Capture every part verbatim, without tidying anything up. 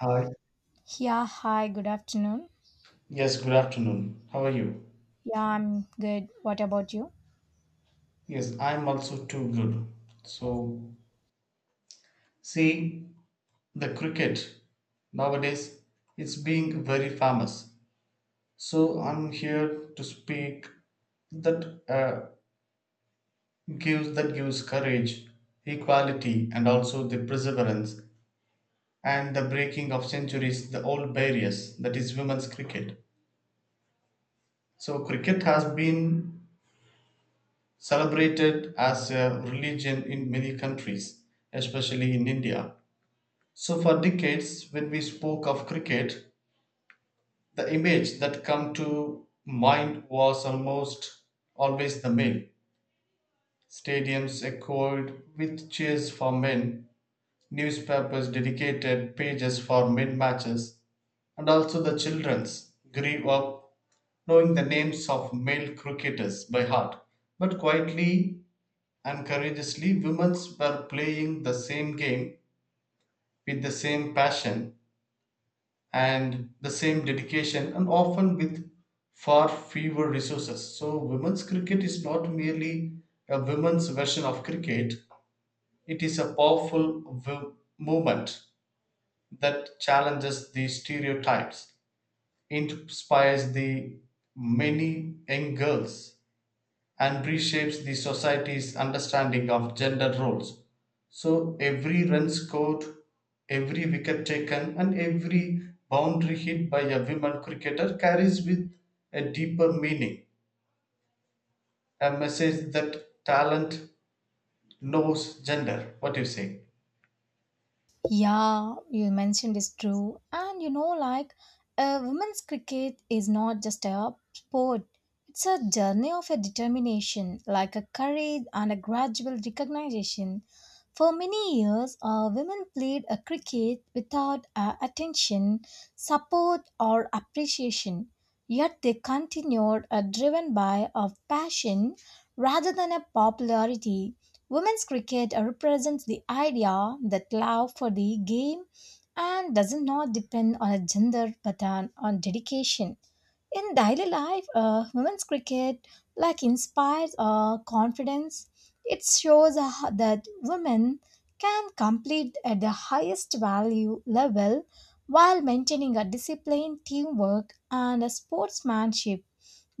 Hi. Yeah, hi, good afternoon. Yes, good afternoon. How are you? Yeah, I'm good. What about you? Yes, I'm also too good. So, see, the cricket nowadays it's being very famous. So I'm here to speak that uh, gives that gives courage, equality, and also the perseverance and the breaking of centuries, the old barriers. That is women's cricket. So cricket has been celebrated as a religion in many countries, especially in India. So for decades when we spoke of cricket, the image that come to mind was almost always the male. Stadiums echoed with cheers for men, newspapers dedicated pages for men matches, and also the children's grew up knowing the names of male cricketers by heart. But quietly and courageously, women were playing the same game with the same passion and the same dedication, and often with far fewer resources. So, women's cricket is not merely a women's version of cricket, it is a powerful w- movement that challenges the stereotypes, inspires the many young girls and reshapes the society's understanding of gender roles. So every run scored, every wicket taken, and every boundary hit by a women cricketer carries with a deeper meaning, a message that talent knows gender. What do you say? Yeah, you mentioned is true. And you know, like, uh, Women's cricket is not just a sport, it's a journey of a determination, like a courage and a gradual recognition. For many years, uh, women played a cricket without uh, attention, support, or appreciation. Yet they continued, uh, driven by a passion rather than a popularity. Women's cricket represents the idea that love for the game and does not depend on a gender but on, on dedication. In daily life, uh, women's cricket like inspires uh, confidence. It shows uh, that women can compete at the highest value level while maintaining a discipline, teamwork, and a sportsmanship.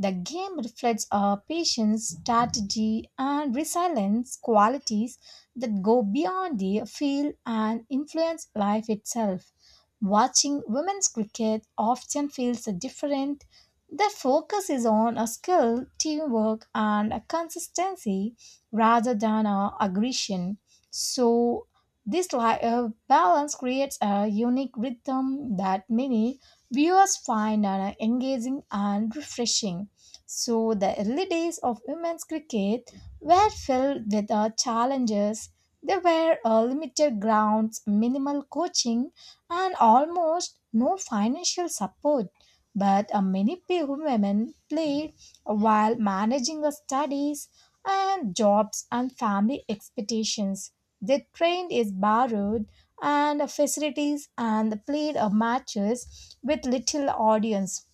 The game reflects our patience, strategy, and resilience qualities that go beyond the field and influence life itself. Watching women's cricket often feels different. The focus is on a skill, teamwork, and a consistency rather than a aggression. So, this li- uh, Balance creates a unique rhythm that many viewers find uh, engaging and refreshing. So the early days of women's cricket were filled with uh, challenges. There were uh, limited grounds, minimal coaching, and almost no financial support. But uh, many pe- women played while managing their studies and jobs and family expectations. They trained is borrowed and uh, facilities and played uh, matches with little audience.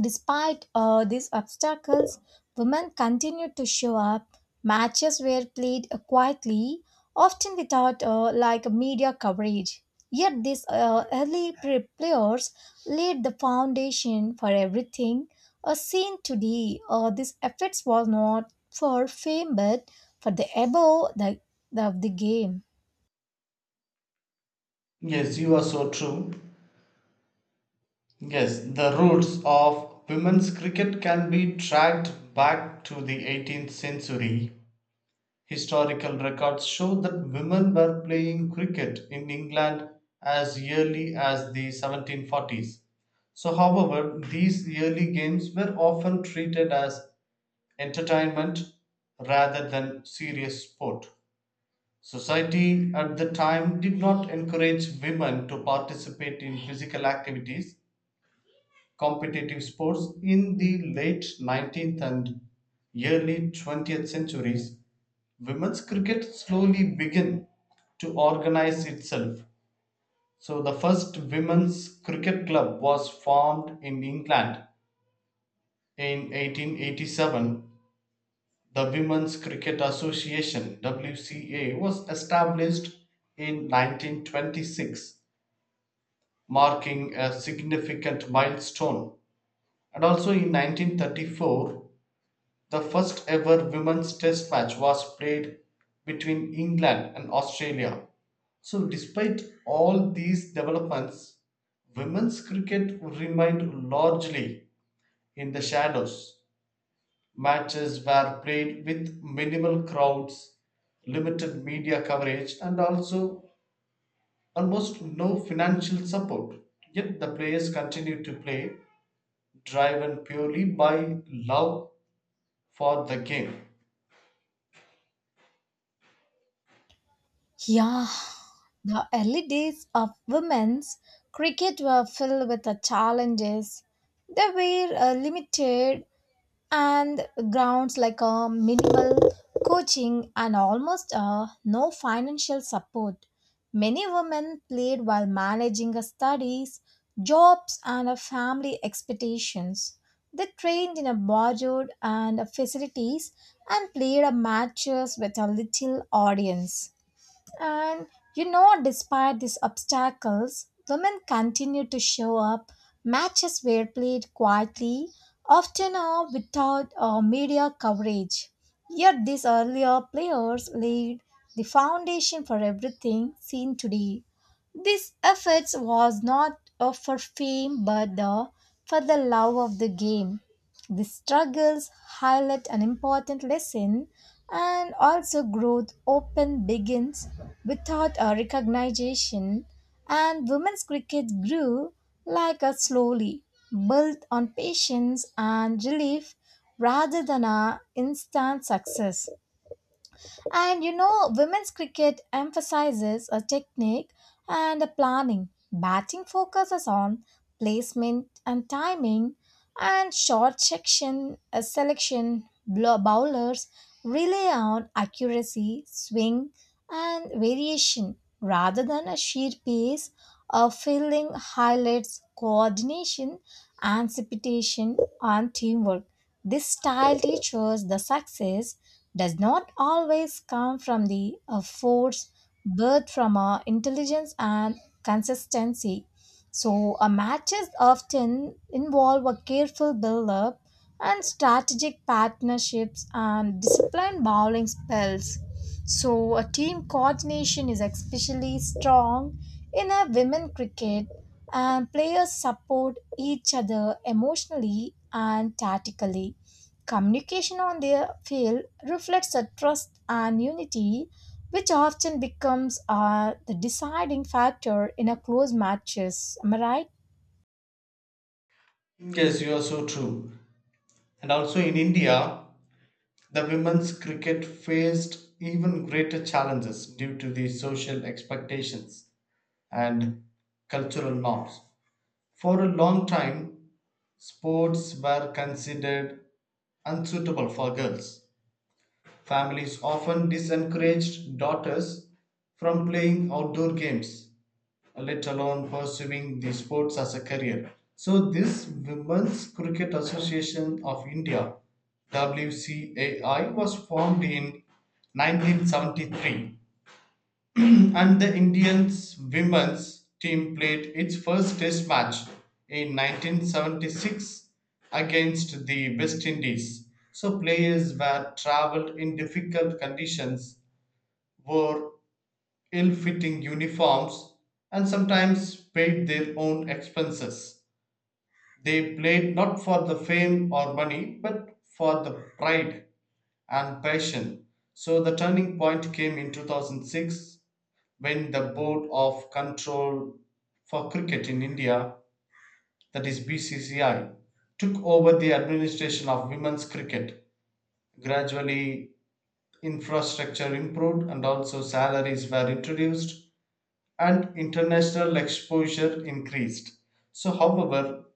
Despite uh, these obstacles, women continued to show up. Matches were played uh, quietly, often without uh, like media coverage. Yet these uh, early pre- players laid the foundation for everything uh, seen today. Uh, these efforts were not for fame but for the above the, of the game. Yes, you are so true. Yes, the roots of women's cricket can be tracked back to the eighteenth century. Historical records show that women were playing cricket in England as early as the seventeen forties. So, however, these early games were often treated as entertainment rather than serious sport. Society at the time did not encourage women to participate in physical activities, competitive sports in the late nineteenth and early twentieth centuries. Women's cricket slowly began to organise itself. So the first women's cricket club was formed in England in eighteen eighty-seven. The Women's Cricket Association (W C A) was established in nineteen twenty-six, marking a significant milestone. And also in nineteen thirty-four, the first ever women's test match was played between England and Australia. So, despite all these developments, women's cricket remained largely in the shadows. Matches were played with minimal crowds, limited media coverage, and also almost no financial support. Yet the players continued to play, driven purely by love for the game. Yeah. The early days of women's cricket were filled with the challenges. There were uh, limited and grounds like a minimal coaching and almost uh, no financial support. Many women played while managing their studies, jobs, and uh, family expectations. They trained in a borrowed and uh, facilities and played uh, matches with a little audience. And you know, Despite these obstacles, women continue to show up. Matches were played quietly, often uh, without uh, media coverage. Yet these earlier players laid the foundation for everything seen today. This efforts was not uh, for fame but uh, for the love of the game. These struggles highlight an important lesson and also growth open begins without a recognition, and women's cricket grew like a slowly, built on patience and relief rather than a instant success. And you know, women's cricket emphasizes a technique and a planning. Batting focuses on placement and timing, and short section uh, selection blow- bowlers rely on accuracy, swing, and variation rather than a sheer pace. A fielding highlights coordination, anticipation, and teamwork. This style teaches the success does not always come from the uh, force, birth from our intelligence and consistency. So, a matches often involve a careful build up and strategic partnerships and disciplined bowling spells. So, a team coordination is especially strong in a women cricket, and players support each other emotionally and tactically. Communication on their field reflects a trust and unity, which often becomes uh, the deciding factor in a close matches. Am I right? Yes, you are so true. And also in India, the women's cricket faced even greater challenges due to the social expectations and cultural norms. For a long time, sports were considered unsuitable for girls. Families often disencouraged daughters from playing outdoor games, let alone pursuing the sports as a career. So, this Women's Cricket Association of India, W C A I, was formed in nineteen seventy-three and the Indians women's team played its first test match in nineteen seventy-six against the West Indies. So players were traveled in difficult conditions, wore ill fitting uniforms, and sometimes paid their own expenses. They played not for the fame or money, but for the pride and passion. So the turning point came in two thousand six when the Board of Control for Cricket in India, that is B C C I, took over the administration of women's cricket. Gradually, infrastructure improved and also salaries were introduced and international exposure increased. So, however,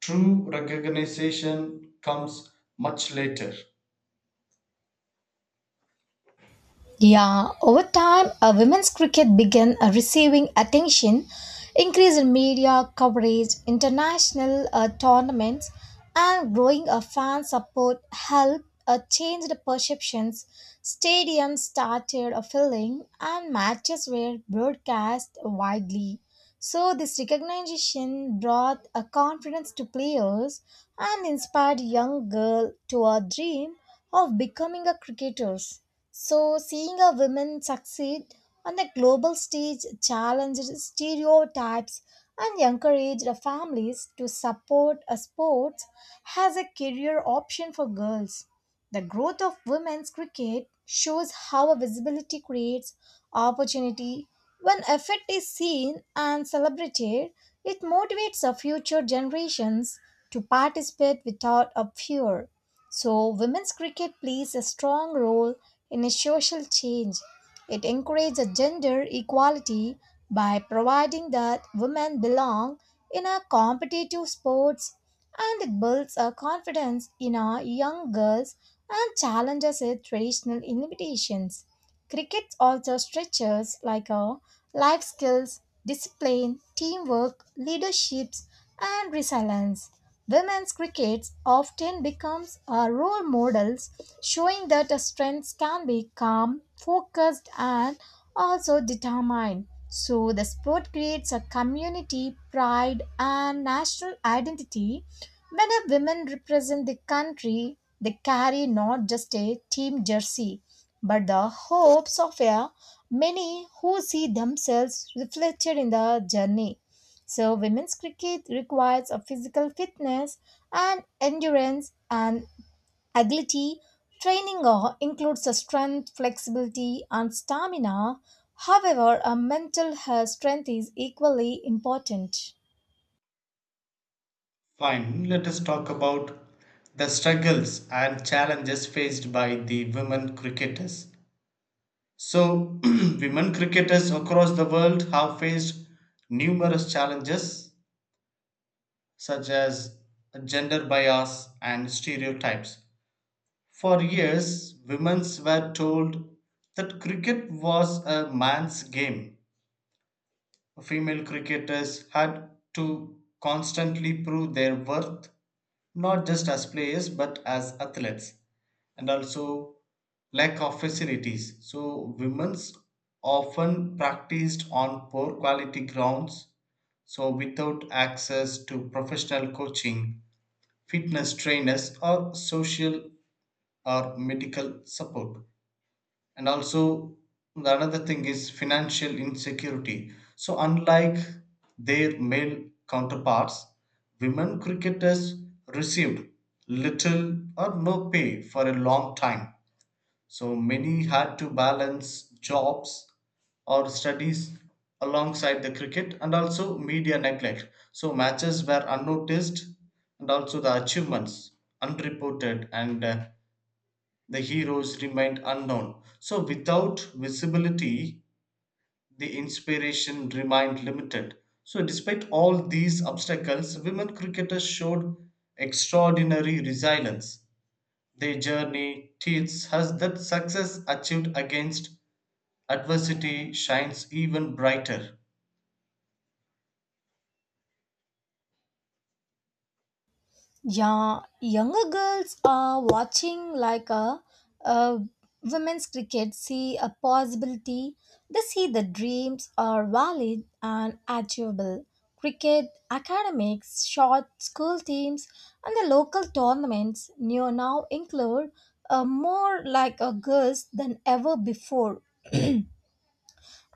true recognition comes much later. Yeah, over time, uh, women's cricket began uh, receiving attention, increase in media coverage, international uh, tournaments, and growing uh, fan support helped uh, change the perceptions. Stadiums started uh, filling, and matches were broadcast widely. So, this recognition brought a confidence to players and inspired young girls to a dream of becoming a cricketers. So, seeing a woman succeed on the global stage challenged stereotypes and encouraged families to support a sports as a career option for girls. The growth of women's cricket shows how a visibility creates opportunity. When effort is seen and celebrated, it motivates the future generations to participate without a fear. So, women's cricket plays a strong role in a social change. It encourages gender equality by providing that women belong in a competitive sports, and it builds a confidence in our young girls and challenges their traditional limitations. Cricket also stretches like our life skills, discipline, teamwork, leadership, and resilience. Women's cricket often becomes our role models, showing that a strength can be calm, focused, and also determined. So the sport creates a community pride and national identity. When a women represent the country, they carry not just a team jersey but the hopes of a many who see themselves reflected in the journey. So, women's cricket requires a physical fitness and endurance and agility. Training uh, includes the strength, flexibility, and stamina. However, a mental health strength is equally important. Fine, let us talk about the struggles and challenges faced by the women cricketers. So, women cricketers across the world have faced numerous challenges such as gender bias and stereotypes. For years, women were told that cricket was a man's game. Female cricketers had to constantly prove their worth, not just as players but as athletes, and also lack of facilities. So, women's often practiced on poor quality grounds, so without access to professional coaching, fitness trainers, or social or medical support, and also the another thing is financial insecurity, so unlike their male counterparts, women cricketers received little or no pay for a long time, so many had to balance jobs or studies alongside the cricket. And also media neglect, so matches were unnoticed and also the achievements unreported, and uh, the heroes remained unknown. So without visibility, the inspiration remained limited. So despite all these obstacles, women cricketers showed extraordinary resilience. Their journey teaches us that success achieved against adversity shines even brighter. Yeah, younger girls are watching like a, a women's cricket, see a possibility. They see the dreams are valid and achievable. Cricket, academics, short school teams, and the local tournaments new now include uh, more like a girls than ever before,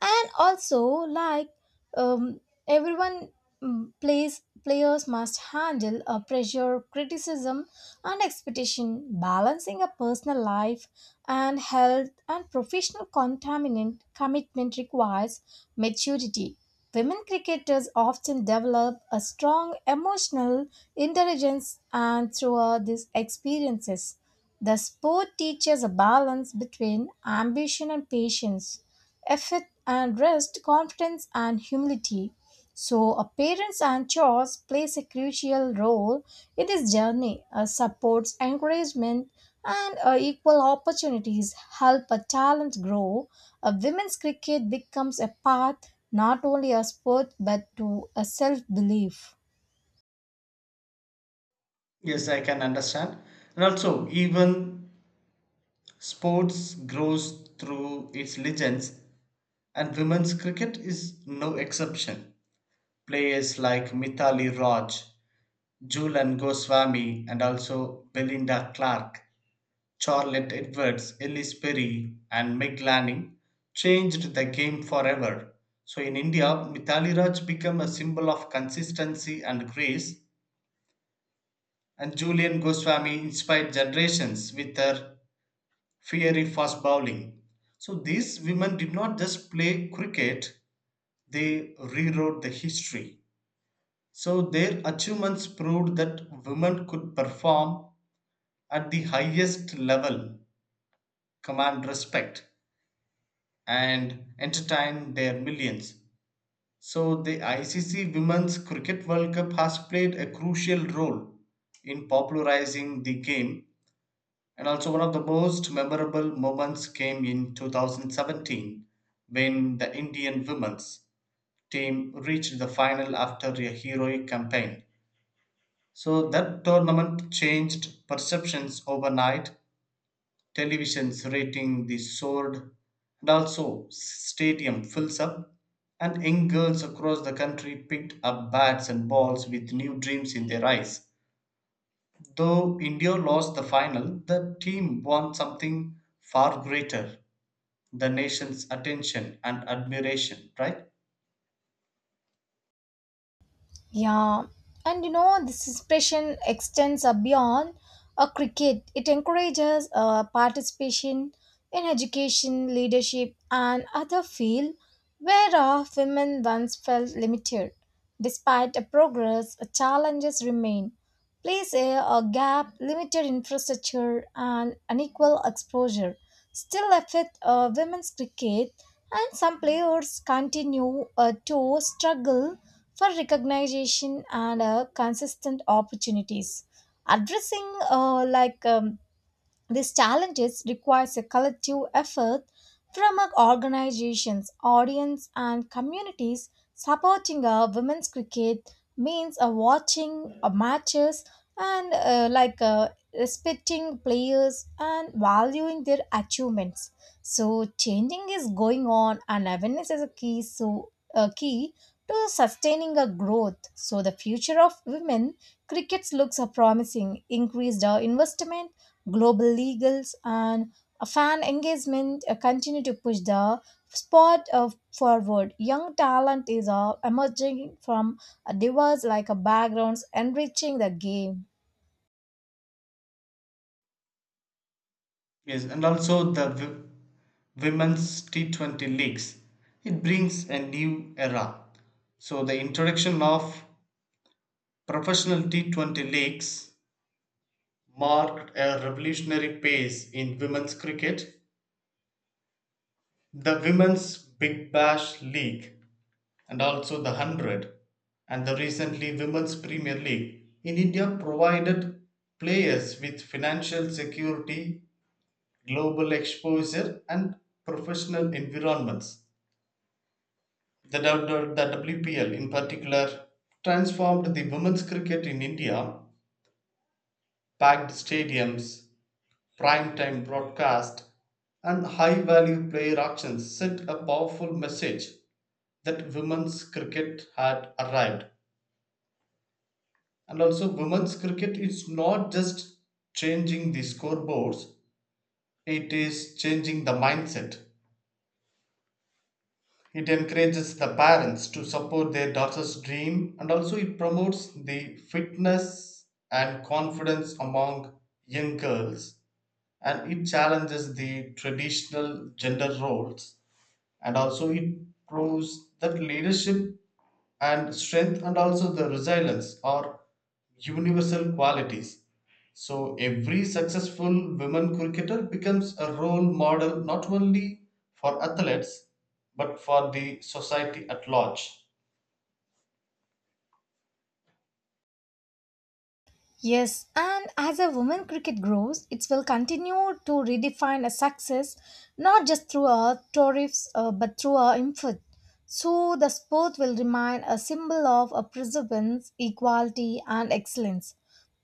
and also like um, everyone mm, plays. Players must handle a pressure criticism and expectation, balancing a personal life and health and professional contaminant commitment requires maturity. Women cricketers often develop a strong emotional intelligence, and throughout these experiences the sport teaches a balance between ambition and patience, effort and rest, confidence and humility. So, a parents and chores plays a crucial role in this journey. A supports, encouragement, and uh, equal opportunities help a talent grow. A women's cricket becomes a path not only a sport but to a self belief. Yes, I can understand. And also, even sports grows through its legends, and women's cricket is no exception. Players like Mithali Raj, Julan Goswami, and also Belinda Clark, Charlotte Edwards, Ellis Perry, and Meg Lanning changed the game forever. So in India, Mithali Raj became a symbol of consistency and grace, and Julian Goswami inspired generations with her fiery fast bowling. So these women did not just play cricket, they rewrote the history. So their achievements proved that women could perform at the highest level, command respect, and entertain their millions. So the I C C Women's Cricket World Cup has played a crucial role in popularizing the game. And also one of the most memorable moments came in two thousand seventeen when the Indian women's team reached the final after a heroic campaign. So that tournament changed perceptions overnight. Televisions rating the sword, and also stadium fills up, and young girls across the country picked up bats and balls with new dreams in their eyes. Though India lost the final, the team won something far greater: the nation's attention and admiration, right? Yeah, and you know, this expression extends uh, beyond a cricket. It encourages uh, participation in education, leadership, and other fields where uh, women once felt limited. Despite the progress, uh, challenges remain. Place a, a gap, limited infrastructure, and unequal exposure still affect uh, women's cricket, and some players continue uh, to struggle for recognition and uh, consistent opportunities. Addressing uh, like um, these challenges requires a collective effort from our organizations, audience, and communities. Supporting uh, women's cricket means uh, watching uh, matches and uh, like uh, respecting players and valuing their achievements, so changing is going on, and awareness is a key. So a key to sustaining a growth. So the future of women crickets looks are promising. Increased our investment, global legals, and a fan engagement uh, continue to push the sport uh, forward. Young talent is uh, emerging from a diverse like a backgrounds, enriching the game. Yes, and also the w- women's T twenty leagues. It brings a new era. So the introduction of professional T twenty leagues marked a revolutionary pace in women's cricket. The women's Big Bash League and also the one hundred and the recently women's Premier League in India provided players with financial security, global exposure and professional environments. The, W- the W P L in particular transformed the women's cricket in India, packed stadiums, prime time broadcast, and high value player auctions sent a powerful message that women's cricket had arrived. And also, women's cricket is not just changing the scoreboards, it is changing the mindset. It encourages the parents to support their daughter's dream, and also it promotes the fitness and confidence among young girls, and it challenges the traditional gender roles, and also it proves that leadership and strength and also the resilience are universal qualities. So every successful women cricketer becomes a role model, not only for athletes but for the society at large. Yes, and as a women cricket grows, it will continue to redefine a success not just through our tariffs uh, but through our input. So the sport will remain a symbol of a perseverance, equality, and excellence.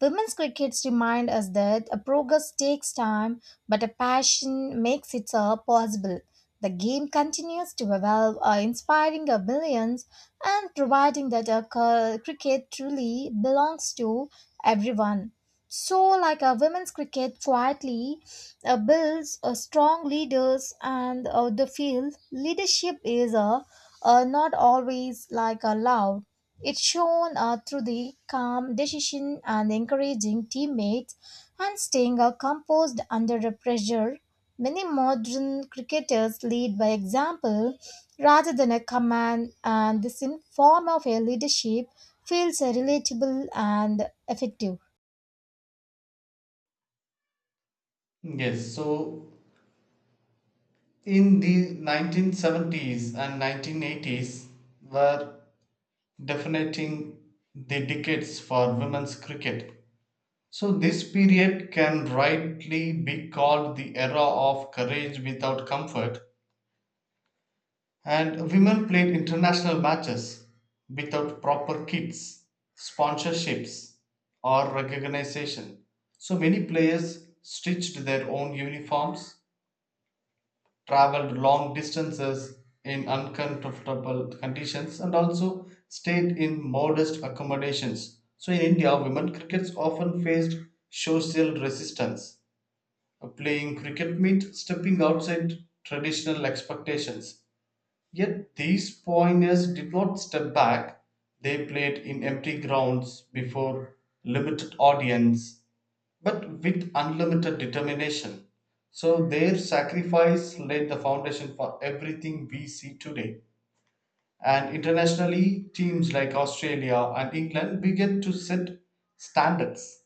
Women's cricket reminds us that a progress takes time, but a passion makes it uh, possible. The game continues to evolve, uh, inspiring uh, millions and providing that a cur- cricket truly belongs to everyone. So, like a women's cricket quietly uh, builds a strong leaders, and uh, the field leadership is uh, uh, not always like a loud. It shown uh, through the calm decision and encouraging teammates and staying uh, composed under the pressure. Many modern cricketers lead by example rather than a command, and this in form of a leadership feels uh, relatable and effective. Yes, so in the nineteen seventies and nineteen eighties were defining the decades for women's cricket. So, this period can rightly be called the era of courage without comfort, and women played international matches without proper kits, sponsorships, or recognition. So, many players stitched their own uniforms, traveled long distances in uncomfortable conditions, and also stayed in modest accommodations. So, in India, women crickets often faced social resistance. Uh, playing cricket meant stepping outside traditional expectations. Yet these pioneers did not step back, they played in empty grounds before limited audience, but with unlimited determination. So their sacrifice laid the foundation for everything we see today. And internationally, teams like Australia and England began to set standards.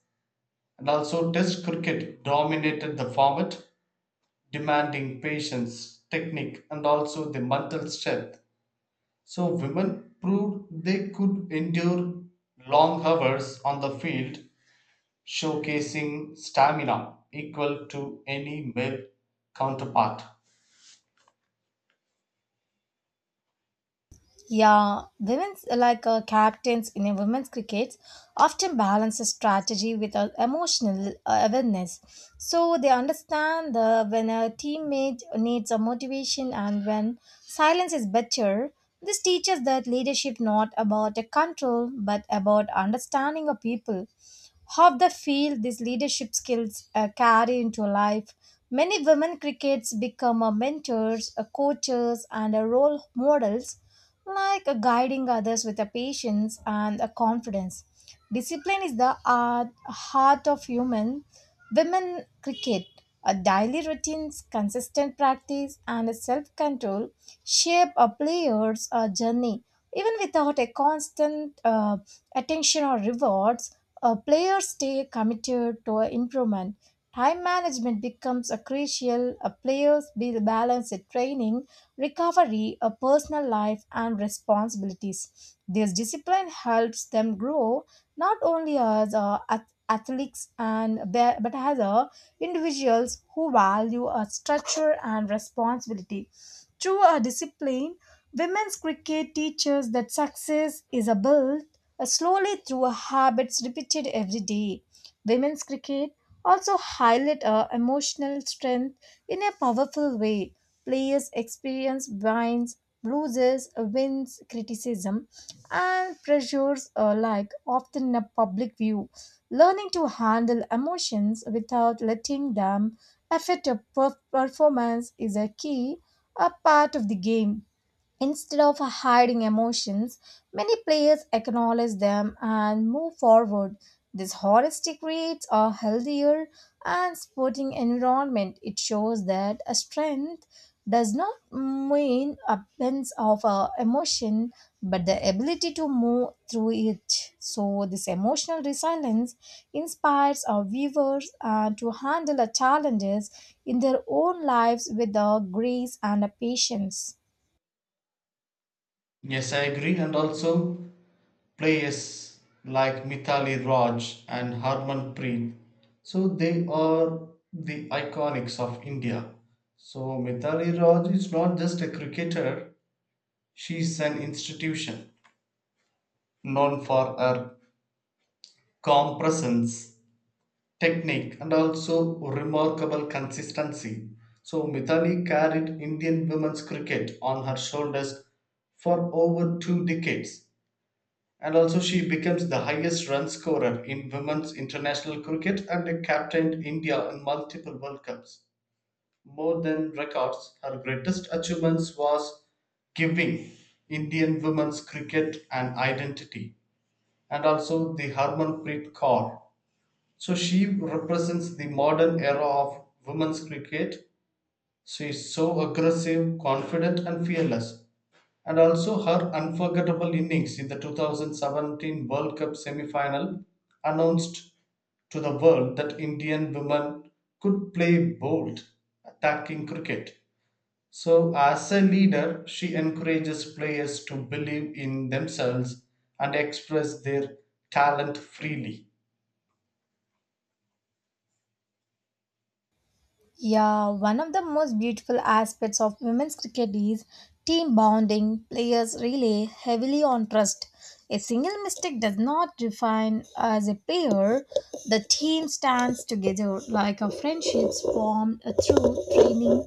And also, Test cricket dominated the format, demanding patience, technique, and also the mental strength. So, women proved they could endure long hours on the field, showcasing stamina equal to any male counterpart. Yeah, women's like uh, captains in a women's cricket often balance a strategy with uh, emotional uh, awareness. So they understand the when a teammate needs a motivation and when silence is better. This teaches that leadership not about a control but about understanding of people. How the field these leadership skills uh, carry into life. Many women crickets become uh, mentors, uh, coaches, and uh, role models, like uh, guiding others with a patience and a confidence. Discipline is the art, heart of human. Women cricket, a daily routines, consistent practice, and self control shape a player's uh, journey. Even without a constant uh, attention or rewards, a players stay committed to improvement. Time management becomes a crucial. A players be balance in training, recovery, a personal life, and responsibilities. This discipline helps them grow not only as uh, ath- athletes and be- but as uh, individuals who value a structure and responsibility. Through a discipline, women's cricket teaches that success is a build uh, slowly through habits repeated every day. Women's cricket also highlight uh, emotional strength in a powerful way. Players experience wins, losses, wins, criticism, and pressures alike, often in a public view. Learning to handle emotions without letting them affect your per- performance is a key a part of the game. Instead of hiding emotions, many players acknowledge them and move forward. This honesty creates a healthier and sporting environment. It shows that a strength does not mean absence of uh, emotion, but the ability to move through it. So, this emotional resilience inspires our viewers uh, to handle the challenges in their own lives with uh, grace and uh, patience. Yes, I agree, and also players like Mithali Raj and Harmanpreet. So, they are the iconics of India. So, Mithali Raj is not just a cricketer, she is an institution known for her calm presence, technique, and also remarkable consistency. So, Mithali carried Indian women's cricket on her shoulders for over two decades, and also she becomes the highest run scorer in women's international cricket and captained India in multiple World Cups. More than records, her greatest achievements was giving Indian women's cricket an identity. And also the Harmanpreet Kaur. So she represents the modern era of women's cricket. She is so aggressive, confident, and fearless. And also her unforgettable innings in the two thousand seventeen World Cup semi final announced to the world that Indian women could play bold, attacking cricket. So, as a leader, she encourages players to believe in themselves and express their talent freely. Yeah, one of the most beautiful aspects of women's cricket is team bonding. Players rely heavily on trust. A single mistake does not define as a pair. The team stands together like a friendships formed through training,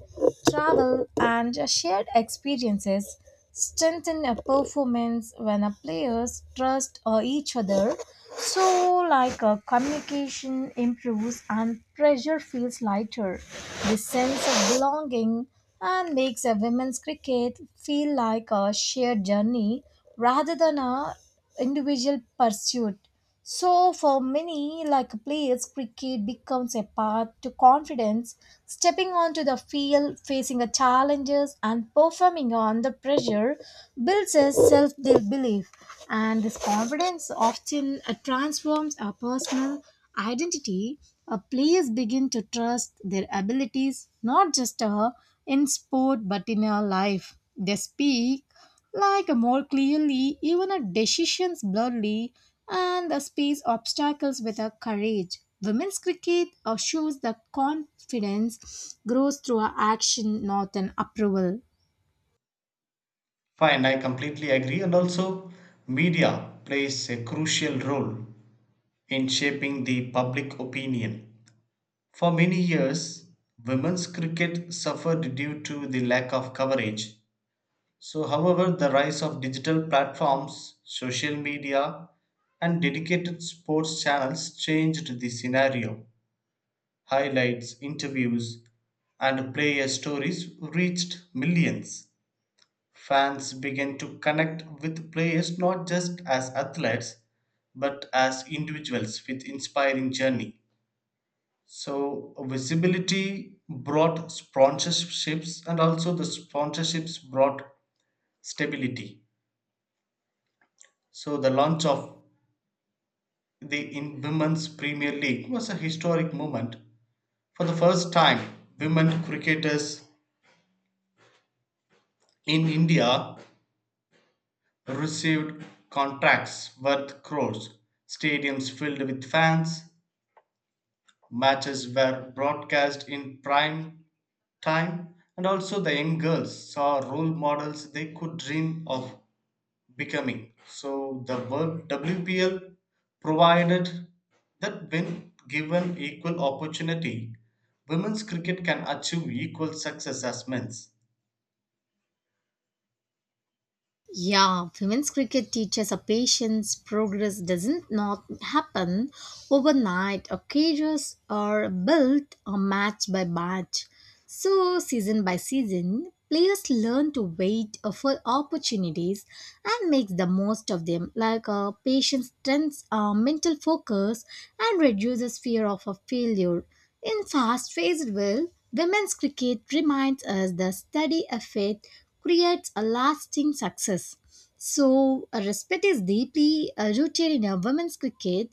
travel, and shared experiences strengthen a performance when a players trust uh, each other, so like uh, communication improves and pressure feels lighter. The sense of belonging and makes a women's cricket feel like a shared journey rather than a individual pursuit. So, for many, like players, cricket becomes a path to confidence. Stepping onto the field, facing the challenges, and performing under pressure builds a self belief. And this confidence often uh, transforms our personal identity. Uh, players begin to trust their abilities, not just uh, in sport but in our life. They speak like more clearly, even a decisions blurredly, and the space obstacles with a courage. Women's cricket uh, shows the confidence grows through a action, not an approval. Fine, I completely agree. And also, media plays a crucial role in shaping the public opinion. For many years, women's cricket suffered due to the lack of coverage. So, however, the rise of digital platforms, social media, and dedicated sports channels changed the scenario. Highlights, interviews, and player stories reached millions. Fans began to connect with players not just as athletes but as individuals with inspiring journey. So visibility brought sponsorships, and also the sponsorships brought stability. So the launch of the in Women's Premier League was a historic moment. For the first time, women cricketers in India received contracts worth crores, stadiums filled with fans, matches were broadcast in prime time, and also the young girls saw role models they could dream of becoming. So the world W P L provided that when given equal opportunity, women's cricket can achieve equal success as men's. Yeah, women's cricket teaches a patience. Progress doesn't not happen overnight. Occasions are built or match by match. So season by season, players learn to wait uh, for opportunities and make the most of them. Like uh, patience strengthens uh, mental focus and reduces fear of a failure. In fast paced world, women's cricket reminds us the steady effort creates a lasting success. So, uh, respect is deeply uh, rooted in our women's cricket.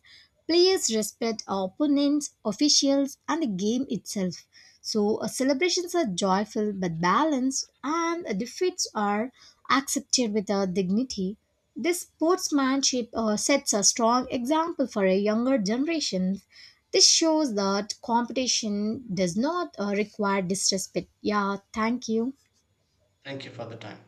Players respect our opponents, officials, and the game itself. So, uh, celebrations are joyful but balanced, and uh, defeats are accepted with uh, dignity. This sportsmanship uh, sets a strong example for a younger generation. This shows that competition does not uh, require disrespect. Yeah, thank you. Thank you for the time.